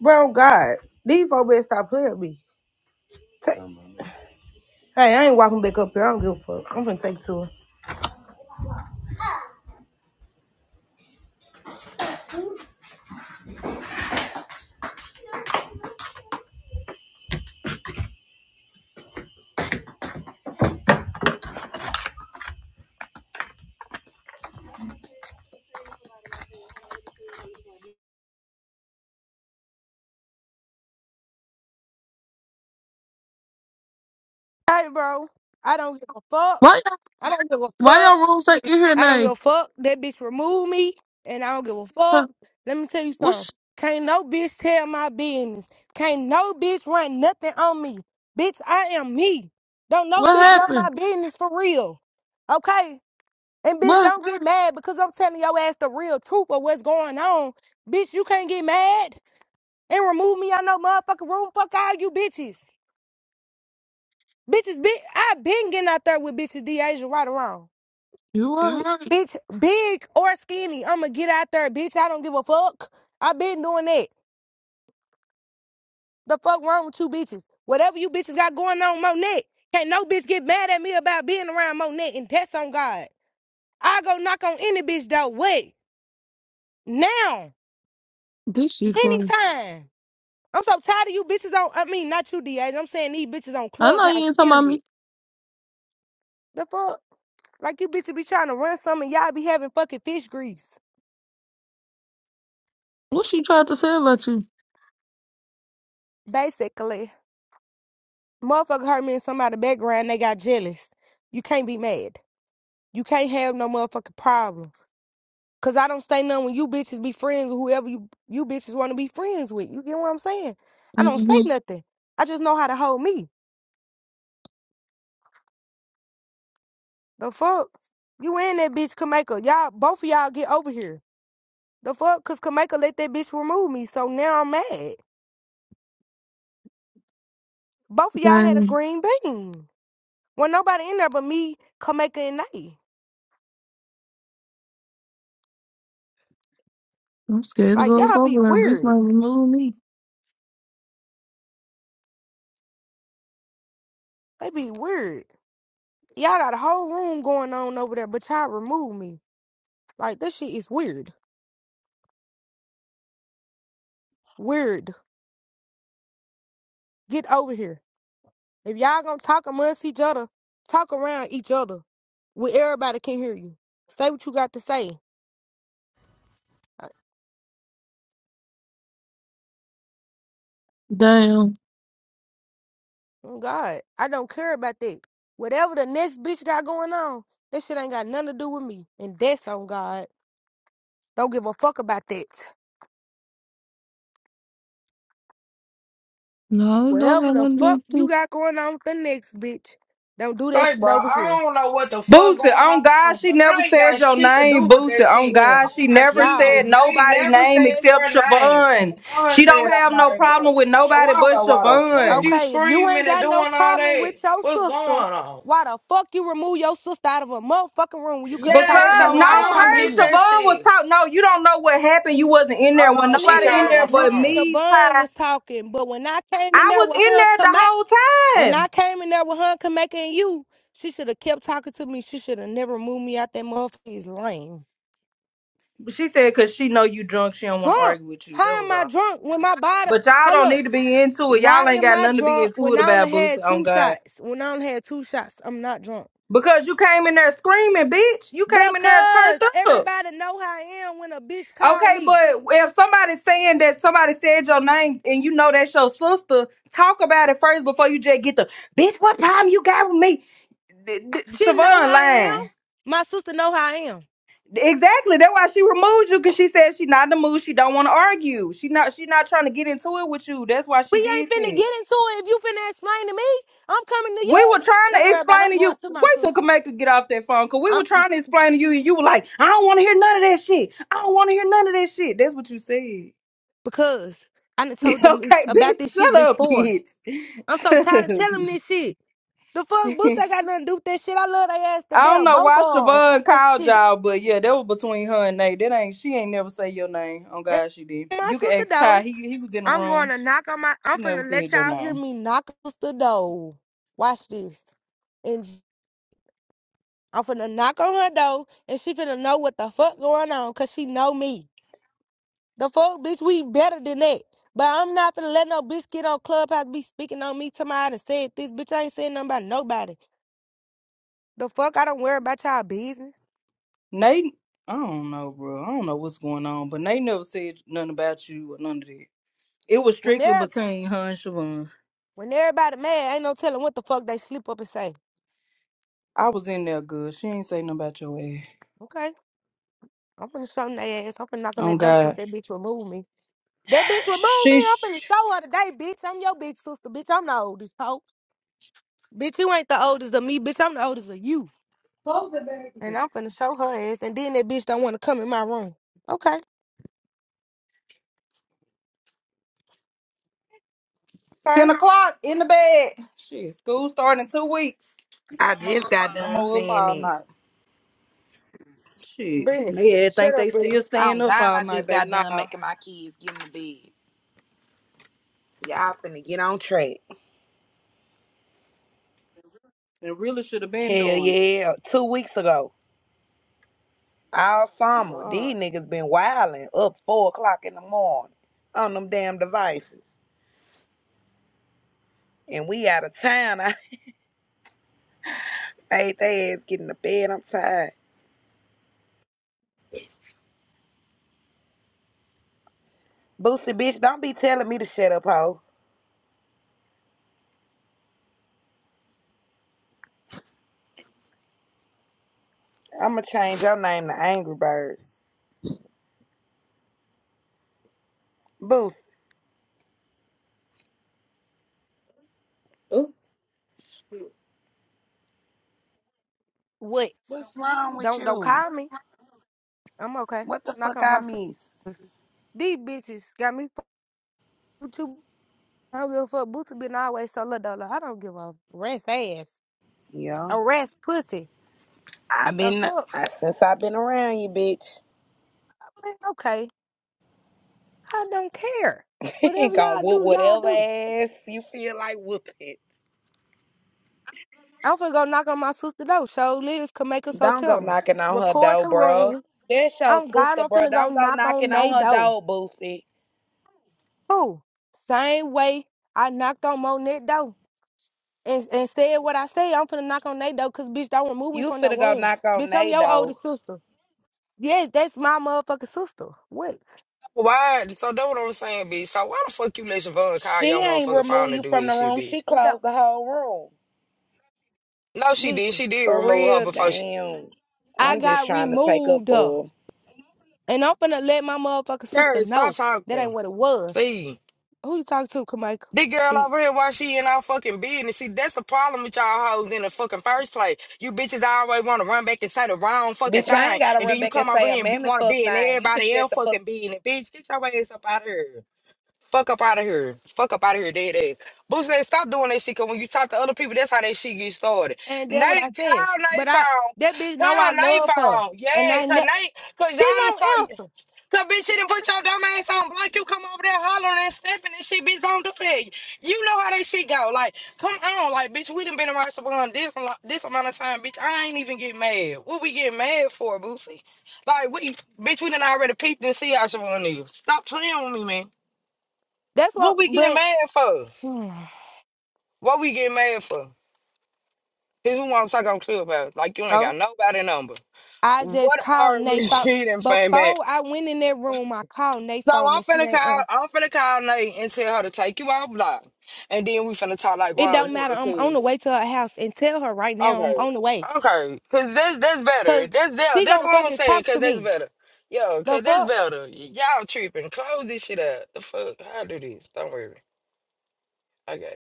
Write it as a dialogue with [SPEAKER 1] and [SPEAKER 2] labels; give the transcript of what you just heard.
[SPEAKER 1] Bro, God, these four better stop playing with me. Ta- Hey, I ain't walking back up here. I don't give a fuck. I'm gonna take two. Hey, bro, I don't give a fuck.
[SPEAKER 2] Why
[SPEAKER 1] I don't give a
[SPEAKER 2] why y'all
[SPEAKER 1] fuck.
[SPEAKER 2] rules like in here
[SPEAKER 1] I don't
[SPEAKER 2] now?
[SPEAKER 1] give a fuck. That bitch remove me, and I don't give a
[SPEAKER 2] Huh,
[SPEAKER 1] fuck. Let me tell you something.
[SPEAKER 2] What's
[SPEAKER 1] Can't no bitch tell my business. Can't no bitch run nothing on me. Bitch, I am me. Don't no
[SPEAKER 2] what
[SPEAKER 1] bitch know my
[SPEAKER 2] happened?
[SPEAKER 1] business for real. Okay? And bitch,
[SPEAKER 2] What
[SPEAKER 1] don't get mad because I'm telling your ass the real truth of what's going on. Bitch, you can't get mad. and remove me out no motherfucking room. Fuck all you bitches. Bitches, big. I been getting out there with bitches, Deja, right or wrong.
[SPEAKER 2] you
[SPEAKER 1] You
[SPEAKER 2] right?
[SPEAKER 1] right. Bitch, big or skinny, I'ma get out there, bitch. I don't give a fuck. I been doing that. The fuck wrong with you bitches? Whatever you bitches got going on, Monet. Can't no bitch get mad at me about being around Monet and that's on God. I go knock on any bitch though. Wait, now,
[SPEAKER 2] This she crazy.
[SPEAKER 1] anytime. I'm so tired of you bitches on. I mean, not you, Deja. I'm saying these bitches on
[SPEAKER 2] I know
[SPEAKER 1] Clubhouse.
[SPEAKER 2] you ain't talking about me.
[SPEAKER 1] Period. The fuck. Like you bitches be trying to run some and y'all be having fucking fish grease.
[SPEAKER 2] What she tried to say about you?
[SPEAKER 1] Basically. Motherfucker hurt me in somebody's background, they got jealous. You can't be mad. You can't have no motherfucking problems. Cause I don't say nothing when you bitches be friends with whoever you, you bitches wanna be friends with. You get what I'm saying? I don't say
[SPEAKER 2] Mm-hmm.
[SPEAKER 1] nothing. I just know how to hold me. The fuck? You and that bitch Kameka. Y'all both of y'all get over here. The fuck? Cause Kameka let that bitch remove me. So now I'm mad. Both of y'all had a
[SPEAKER 2] Damn.
[SPEAKER 1] green bean. When nobody in there but me, Kameka and Nay.
[SPEAKER 2] I'm scared to
[SPEAKER 1] Like
[SPEAKER 2] go up
[SPEAKER 1] y'all be
[SPEAKER 2] over there. Bitch
[SPEAKER 1] weird.
[SPEAKER 2] might remove me.
[SPEAKER 1] They be weird. Y'all got a whole room going on over there, but y'all remove me. Like this shit is weird. Weird. Get over here. If y'all gonna talk amongst each other, talk around each other. Where everybody can hear you. Say what you got to say. I-
[SPEAKER 2] Damn.
[SPEAKER 1] oh, God, I don't care about that. Whatever the next bitch got going on, that shit ain't got nothing to do with me. And that's on God. Don't give a fuck about that.
[SPEAKER 2] No, it don't
[SPEAKER 1] Whatever
[SPEAKER 2] got
[SPEAKER 1] the
[SPEAKER 2] nothing to do
[SPEAKER 1] fuck
[SPEAKER 2] with
[SPEAKER 1] you
[SPEAKER 2] you.
[SPEAKER 1] got going on with the next bitch, don't do that
[SPEAKER 3] Say,
[SPEAKER 1] shit
[SPEAKER 3] bro,
[SPEAKER 1] over
[SPEAKER 3] I
[SPEAKER 1] here.
[SPEAKER 3] don't know what the fuck
[SPEAKER 4] Boosie,
[SPEAKER 3] going
[SPEAKER 4] on God,
[SPEAKER 3] on,
[SPEAKER 4] she
[SPEAKER 3] but
[SPEAKER 4] never
[SPEAKER 3] I ain't
[SPEAKER 4] said
[SPEAKER 3] got
[SPEAKER 4] your
[SPEAKER 3] shit to do
[SPEAKER 4] name,
[SPEAKER 3] with
[SPEAKER 4] Boosie.
[SPEAKER 3] that
[SPEAKER 4] On
[SPEAKER 3] shit.
[SPEAKER 4] God,
[SPEAKER 1] Well,
[SPEAKER 3] Oh
[SPEAKER 4] she
[SPEAKER 3] my
[SPEAKER 4] never
[SPEAKER 3] kid,
[SPEAKER 1] y'all.
[SPEAKER 4] said
[SPEAKER 3] they
[SPEAKER 4] nobody
[SPEAKER 3] never
[SPEAKER 4] name
[SPEAKER 3] said your
[SPEAKER 4] except
[SPEAKER 3] name.
[SPEAKER 4] Siobhan.
[SPEAKER 3] Siobhan
[SPEAKER 4] She
[SPEAKER 3] said
[SPEAKER 4] don't
[SPEAKER 3] her
[SPEAKER 4] have no
[SPEAKER 3] name, bro.
[SPEAKER 4] problem with
[SPEAKER 3] So
[SPEAKER 4] nobody
[SPEAKER 3] I don't
[SPEAKER 4] but
[SPEAKER 3] know why the fuck
[SPEAKER 4] Siobhan.
[SPEAKER 3] you
[SPEAKER 1] Okay, if you ain't
[SPEAKER 3] screaming and
[SPEAKER 1] got no
[SPEAKER 3] doing all
[SPEAKER 1] problem
[SPEAKER 3] that.
[SPEAKER 1] with your
[SPEAKER 3] What's going
[SPEAKER 1] sister,
[SPEAKER 3] on?
[SPEAKER 1] why the fuck you remove your sister out of a motherfucking room when you could have
[SPEAKER 3] Yeah,
[SPEAKER 1] talked to me
[SPEAKER 4] Because
[SPEAKER 3] so
[SPEAKER 1] when I was
[SPEAKER 4] no,
[SPEAKER 3] I don't
[SPEAKER 1] talking
[SPEAKER 4] her
[SPEAKER 1] to
[SPEAKER 4] and
[SPEAKER 3] get
[SPEAKER 1] you?
[SPEAKER 3] that
[SPEAKER 4] Siobhan was
[SPEAKER 3] shit.
[SPEAKER 4] talking. No, you don't know what happened. You wasn't in there
[SPEAKER 3] Hold
[SPEAKER 4] when
[SPEAKER 3] on,
[SPEAKER 1] And
[SPEAKER 3] she
[SPEAKER 1] in
[SPEAKER 4] nobody in
[SPEAKER 3] called
[SPEAKER 1] there
[SPEAKER 3] on
[SPEAKER 4] there
[SPEAKER 3] my
[SPEAKER 1] when
[SPEAKER 4] but
[SPEAKER 3] phone.
[SPEAKER 4] me,
[SPEAKER 1] Siobhan
[SPEAKER 4] Ty.
[SPEAKER 1] was talking, but when I came in
[SPEAKER 4] I
[SPEAKER 1] there
[SPEAKER 4] was
[SPEAKER 1] with
[SPEAKER 4] in
[SPEAKER 1] her
[SPEAKER 4] there the
[SPEAKER 1] Kameka,
[SPEAKER 4] whole
[SPEAKER 1] when I
[SPEAKER 4] time.
[SPEAKER 1] came in there with her Kameka and you, she should have kept talking to me. She should have never moved me out that motherfucker's lane.
[SPEAKER 4] But She said cause she know you drunk, she don't want to
[SPEAKER 1] Drunk.
[SPEAKER 4] argue with you. That
[SPEAKER 1] How
[SPEAKER 4] was
[SPEAKER 1] am I
[SPEAKER 4] all.
[SPEAKER 1] drunk when my body?
[SPEAKER 4] But y'all
[SPEAKER 1] Hold
[SPEAKER 4] don't
[SPEAKER 1] up.
[SPEAKER 4] need to be into it. Y'all
[SPEAKER 1] Why
[SPEAKER 4] ain't
[SPEAKER 1] am
[SPEAKER 4] got
[SPEAKER 1] I
[SPEAKER 4] nothing to be
[SPEAKER 1] drunk
[SPEAKER 4] into
[SPEAKER 1] when
[SPEAKER 4] it
[SPEAKER 1] I only
[SPEAKER 4] about
[SPEAKER 1] had
[SPEAKER 4] Boosie
[SPEAKER 1] two
[SPEAKER 4] on God.
[SPEAKER 1] shots? When I only had two shots, I'm not drunk.
[SPEAKER 4] Because you came in there screaming, bitch. You came in there turned
[SPEAKER 1] Because
[SPEAKER 4] up.
[SPEAKER 1] everybody know how I am when a bitch call
[SPEAKER 4] Okay,
[SPEAKER 1] me.
[SPEAKER 4] but if somebody's saying that somebody said your name and you know that's your sister, talk about it first before you just get the bitch. What problem you got with me? D- d-
[SPEAKER 1] She know
[SPEAKER 4] Siobhan
[SPEAKER 1] how I am.
[SPEAKER 4] lying.
[SPEAKER 1] My sister know how I am.
[SPEAKER 4] Exactly. That's why she removed you because she said she not in the mood. She don't want to argue. She not. She not trying to get into it with you. That's why
[SPEAKER 1] We
[SPEAKER 4] she
[SPEAKER 1] ain't
[SPEAKER 4] did
[SPEAKER 1] finna
[SPEAKER 4] that.
[SPEAKER 1] get into it. If you finna explain to me, I'm coming to
[SPEAKER 4] We
[SPEAKER 1] you.
[SPEAKER 4] were trying
[SPEAKER 1] Don't
[SPEAKER 4] to
[SPEAKER 1] worry about it.
[SPEAKER 4] explain
[SPEAKER 1] I'm
[SPEAKER 4] to
[SPEAKER 1] going
[SPEAKER 4] you.
[SPEAKER 1] to my
[SPEAKER 4] Wait till
[SPEAKER 1] sister.
[SPEAKER 4] Kameka get off that phone, cause we
[SPEAKER 1] I,
[SPEAKER 4] were trying to explain to you, and you were like, "I don't want to hear none of that shit. I don't want to hear none of that shit." That's what you said.
[SPEAKER 1] because I done told them this,
[SPEAKER 4] okay,
[SPEAKER 1] about this
[SPEAKER 4] bitch,
[SPEAKER 1] shit
[SPEAKER 4] shut up,
[SPEAKER 1] before.
[SPEAKER 4] bitch.
[SPEAKER 1] I'm so
[SPEAKER 4] Shut
[SPEAKER 1] tired of telling them
[SPEAKER 4] up.
[SPEAKER 1] this shit. The fuck, Boots ain't got nothing to do with that shit. I love they ass to
[SPEAKER 4] I don't
[SPEAKER 1] death.
[SPEAKER 4] know
[SPEAKER 1] Both
[SPEAKER 4] why
[SPEAKER 1] of
[SPEAKER 4] Siobhan
[SPEAKER 1] them.
[SPEAKER 4] called
[SPEAKER 1] Shit.
[SPEAKER 4] y'all, but yeah, that was between her and Nate. That ain't she ain't never say your name. Oh
[SPEAKER 1] And
[SPEAKER 4] God, she did.
[SPEAKER 1] My
[SPEAKER 4] You can
[SPEAKER 1] sister
[SPEAKER 4] ask Ty.
[SPEAKER 1] though.
[SPEAKER 4] He he was in the
[SPEAKER 1] I'm going
[SPEAKER 4] room.
[SPEAKER 1] to
[SPEAKER 4] She
[SPEAKER 1] knock on my. I'm
[SPEAKER 4] she never
[SPEAKER 1] finna let
[SPEAKER 4] said your
[SPEAKER 1] y'all hear
[SPEAKER 4] name.
[SPEAKER 1] me knock on the door. Watch this. And I'm finna knock on her door, and she finna know what the fuck going on, cause she know me. The fuck, bitch, we better than that. But I'm not finna let no bitch get on Clubhouse be speaking on me to my and said this. Bitch, I ain't saying nothing about nobody. The fuck, I don't worry about y'all business.
[SPEAKER 4] Nate, I don't know, bro. I don't know what's going on, but Nate never said nothing about you or none of that. It was
[SPEAKER 1] When
[SPEAKER 4] strictly
[SPEAKER 1] they're
[SPEAKER 4] between her and Siobhan.
[SPEAKER 1] when everybody mad, ain't no telling what the fuck they slip up and say.
[SPEAKER 4] I was in there good. She ain't say nothing about your ass.
[SPEAKER 1] Okay, I'm finna show them their ass. I'm finna knock on their
[SPEAKER 4] Oh
[SPEAKER 1] door since
[SPEAKER 4] God.
[SPEAKER 1] that bitch removed me. That bitch removed me.
[SPEAKER 4] She
[SPEAKER 1] I'm finna
[SPEAKER 4] sh-
[SPEAKER 1] show her today, bitch. I'm your big sister, bitch. I'm the oldest, hoe. Bitch, you ain't the oldest of me, bitch. I'm the oldest of you.
[SPEAKER 4] Close the
[SPEAKER 1] And
[SPEAKER 4] bed.
[SPEAKER 1] I'm finna show her ass. And then that bitch don't wanna come in my room. Okay. Okay.
[SPEAKER 4] ten o'clock in the bed. Shit, school starting in two weeks.
[SPEAKER 5] I just got
[SPEAKER 4] And I'm
[SPEAKER 5] done
[SPEAKER 4] up
[SPEAKER 5] saying
[SPEAKER 4] all
[SPEAKER 5] it.
[SPEAKER 4] night. Shit.
[SPEAKER 1] Brittany.
[SPEAKER 4] They had
[SPEAKER 1] Shut
[SPEAKER 4] think
[SPEAKER 1] up,
[SPEAKER 4] they
[SPEAKER 1] Brittany.
[SPEAKER 4] still staying
[SPEAKER 5] Oh
[SPEAKER 4] up
[SPEAKER 5] God,
[SPEAKER 4] all
[SPEAKER 5] I
[SPEAKER 4] night,
[SPEAKER 5] just
[SPEAKER 4] baby.
[SPEAKER 5] got done
[SPEAKER 4] Nah.
[SPEAKER 5] making my kids get in the bed. Y'all finna get on track.
[SPEAKER 4] They really should have been
[SPEAKER 5] Hell
[SPEAKER 4] doing it.
[SPEAKER 5] yeah. Two weeks ago. All summer.
[SPEAKER 4] Wow.
[SPEAKER 5] These niggas been wilding up four o'clock in the morning on them damn devices. And we out of town. I made their ass get in the bed. I'm tired. Boosie bitch, don't be telling me to shut up, hoe. I'ma change your name to Angry Bird. Boosie.
[SPEAKER 4] Oh.
[SPEAKER 1] What?
[SPEAKER 5] What's wrong with
[SPEAKER 1] Don't don't
[SPEAKER 5] you?
[SPEAKER 1] call me. I'm okay.
[SPEAKER 5] What the
[SPEAKER 1] Knock
[SPEAKER 5] fuck
[SPEAKER 1] on
[SPEAKER 5] I
[SPEAKER 1] my sister.
[SPEAKER 5] miss?
[SPEAKER 1] These bitches got me fucked with you. I don't give a fuck. Boots been always so little dollar. I don't give a rat's ass.
[SPEAKER 5] Yeah.
[SPEAKER 1] A rat's pussy.
[SPEAKER 5] I've
[SPEAKER 1] The
[SPEAKER 5] been
[SPEAKER 1] fuck?
[SPEAKER 5] I, since I've been around you, bitch.
[SPEAKER 1] Man, okay. I don't care.
[SPEAKER 5] Ain't
[SPEAKER 1] Whatever
[SPEAKER 5] gonna
[SPEAKER 1] y'all
[SPEAKER 5] whoop
[SPEAKER 1] do, y'all
[SPEAKER 5] whatever
[SPEAKER 1] do.
[SPEAKER 5] ass you feel like whooping.
[SPEAKER 1] I'm finna go knock on my sister door. Show Liz can make us so
[SPEAKER 5] Don't go knocking on her
[SPEAKER 1] Record
[SPEAKER 5] door,
[SPEAKER 1] the
[SPEAKER 5] bro.
[SPEAKER 1] room.
[SPEAKER 5] That's your
[SPEAKER 1] I'm God.
[SPEAKER 5] sister,
[SPEAKER 1] I'm
[SPEAKER 5] bro.
[SPEAKER 1] finna go
[SPEAKER 5] Don't go
[SPEAKER 1] knock on
[SPEAKER 5] knocking on
[SPEAKER 1] they
[SPEAKER 5] her
[SPEAKER 1] door.
[SPEAKER 5] door, Boosie.
[SPEAKER 1] Who? Same way I knocked on Monet door and, and said what I said. I'm finna knock on they door because bitch don't remove me
[SPEAKER 5] You
[SPEAKER 1] from the
[SPEAKER 5] finna go
[SPEAKER 1] room.
[SPEAKER 5] knock on
[SPEAKER 1] Bitch, I'm
[SPEAKER 5] they
[SPEAKER 1] your older
[SPEAKER 5] door.
[SPEAKER 1] sister. Yes, that's my motherfucking sister. What?
[SPEAKER 3] Why? So that's what I'm saying, bitch. So why the fuck you let Siobhan call your
[SPEAKER 5] She ain't
[SPEAKER 3] motherfucking
[SPEAKER 5] remove
[SPEAKER 3] phone to
[SPEAKER 5] you
[SPEAKER 3] do
[SPEAKER 5] from the
[SPEAKER 3] this shit,
[SPEAKER 5] room. She
[SPEAKER 3] bitch?
[SPEAKER 1] You don't
[SPEAKER 5] closed the whole room.
[SPEAKER 3] No, she did.
[SPEAKER 1] listen.
[SPEAKER 3] She did
[SPEAKER 5] For
[SPEAKER 3] remove her
[SPEAKER 5] real,
[SPEAKER 3] before she.
[SPEAKER 5] damn.
[SPEAKER 1] I
[SPEAKER 5] I'm just
[SPEAKER 1] got
[SPEAKER 5] trying to take up
[SPEAKER 1] removed, uh,
[SPEAKER 5] for her.
[SPEAKER 1] and I'm finna let my motherfucking sister
[SPEAKER 3] Sure, stop
[SPEAKER 1] know that ain't
[SPEAKER 3] talking,
[SPEAKER 1] what it was.
[SPEAKER 3] please.
[SPEAKER 1] Who you talking to, Kamika?
[SPEAKER 3] This girl over
[SPEAKER 1] Bitch.
[SPEAKER 3] here, why she in our fucking business? See, that's the problem with y'all hoes in the fucking first place. You bitches always want to run back and say the wrong fucking
[SPEAKER 5] Bitch, I
[SPEAKER 3] thing,
[SPEAKER 5] ain't gotta
[SPEAKER 3] and then
[SPEAKER 5] run
[SPEAKER 3] you
[SPEAKER 5] back and
[SPEAKER 3] come over
[SPEAKER 5] say a
[SPEAKER 3] here and be,
[SPEAKER 5] mammy
[SPEAKER 3] want to
[SPEAKER 5] fuck
[SPEAKER 3] be in
[SPEAKER 5] thing. You can
[SPEAKER 3] everybody
[SPEAKER 5] shut
[SPEAKER 3] else
[SPEAKER 5] the fuck
[SPEAKER 3] fucking business. Bitch, get your ass up out of here. Fuck up out of here. Fuck up out of here, dead ass. Boo said, stop doing that shit, because when you talk to other people, that's how that shit get started.
[SPEAKER 1] And that's what I
[SPEAKER 3] Nate,
[SPEAKER 1] said.
[SPEAKER 3] call Nate
[SPEAKER 1] But I that bitch
[SPEAKER 3] phone.
[SPEAKER 1] know
[SPEAKER 3] Call
[SPEAKER 1] I
[SPEAKER 3] Nate
[SPEAKER 1] love her.
[SPEAKER 3] phone.
[SPEAKER 1] And
[SPEAKER 3] Yeah,
[SPEAKER 1] I
[SPEAKER 3] because
[SPEAKER 1] ne-
[SPEAKER 3] Nate, because
[SPEAKER 1] she
[SPEAKER 3] y'all done
[SPEAKER 1] won't
[SPEAKER 3] start.
[SPEAKER 1] answer.
[SPEAKER 3] Cause bitch, you didn't put your dumb ass on block. You come over there hollering and stepping and shit, bitch. Don't do that. You know how that shit go. Like, come on, like, bitch. We done been around Saban this a lot- this amount of time, bitch. I ain't even get mad. What we get mad for, Boosie? Like, we, bitch, we done already peeped and see how Saban is. Stop playing with me, man.
[SPEAKER 1] That's
[SPEAKER 3] What
[SPEAKER 1] what
[SPEAKER 3] we get
[SPEAKER 1] but
[SPEAKER 3] mad for? What we get mad for? This is what I'm talking clear about. Like, you ain't
[SPEAKER 1] so
[SPEAKER 3] got nobody number.
[SPEAKER 1] I just
[SPEAKER 3] What
[SPEAKER 1] called
[SPEAKER 3] are
[SPEAKER 1] Nate
[SPEAKER 3] we
[SPEAKER 1] phone.
[SPEAKER 3] getting, fam?
[SPEAKER 1] Before I went in that room, I called Nate
[SPEAKER 3] So
[SPEAKER 1] phone
[SPEAKER 3] I'm
[SPEAKER 1] and she
[SPEAKER 3] finna
[SPEAKER 1] ain't
[SPEAKER 3] call,
[SPEAKER 1] answer.
[SPEAKER 3] I'm finna call Nate and tell her to take you off block, and then we finna talk like
[SPEAKER 1] It
[SPEAKER 3] grown
[SPEAKER 1] don't matter.
[SPEAKER 3] women.
[SPEAKER 1] I'm on the
[SPEAKER 3] Cause
[SPEAKER 1] way to her house and tell her right now I'm
[SPEAKER 3] okay,
[SPEAKER 1] on the way.
[SPEAKER 3] okay, cause that's that's better.
[SPEAKER 1] Cause
[SPEAKER 3] That's that,
[SPEAKER 1] she
[SPEAKER 3] that's
[SPEAKER 1] gonna
[SPEAKER 3] what I'm
[SPEAKER 1] fucking
[SPEAKER 3] saying.
[SPEAKER 1] talk
[SPEAKER 3] Cause
[SPEAKER 1] to
[SPEAKER 3] that's
[SPEAKER 1] me.
[SPEAKER 3] better. Yo,
[SPEAKER 1] The
[SPEAKER 3] cause that's
[SPEAKER 1] fuck?
[SPEAKER 3] better. Y- Y'all tripping. Close this shit up. The fuck? How I do this? Don't worry. I got it.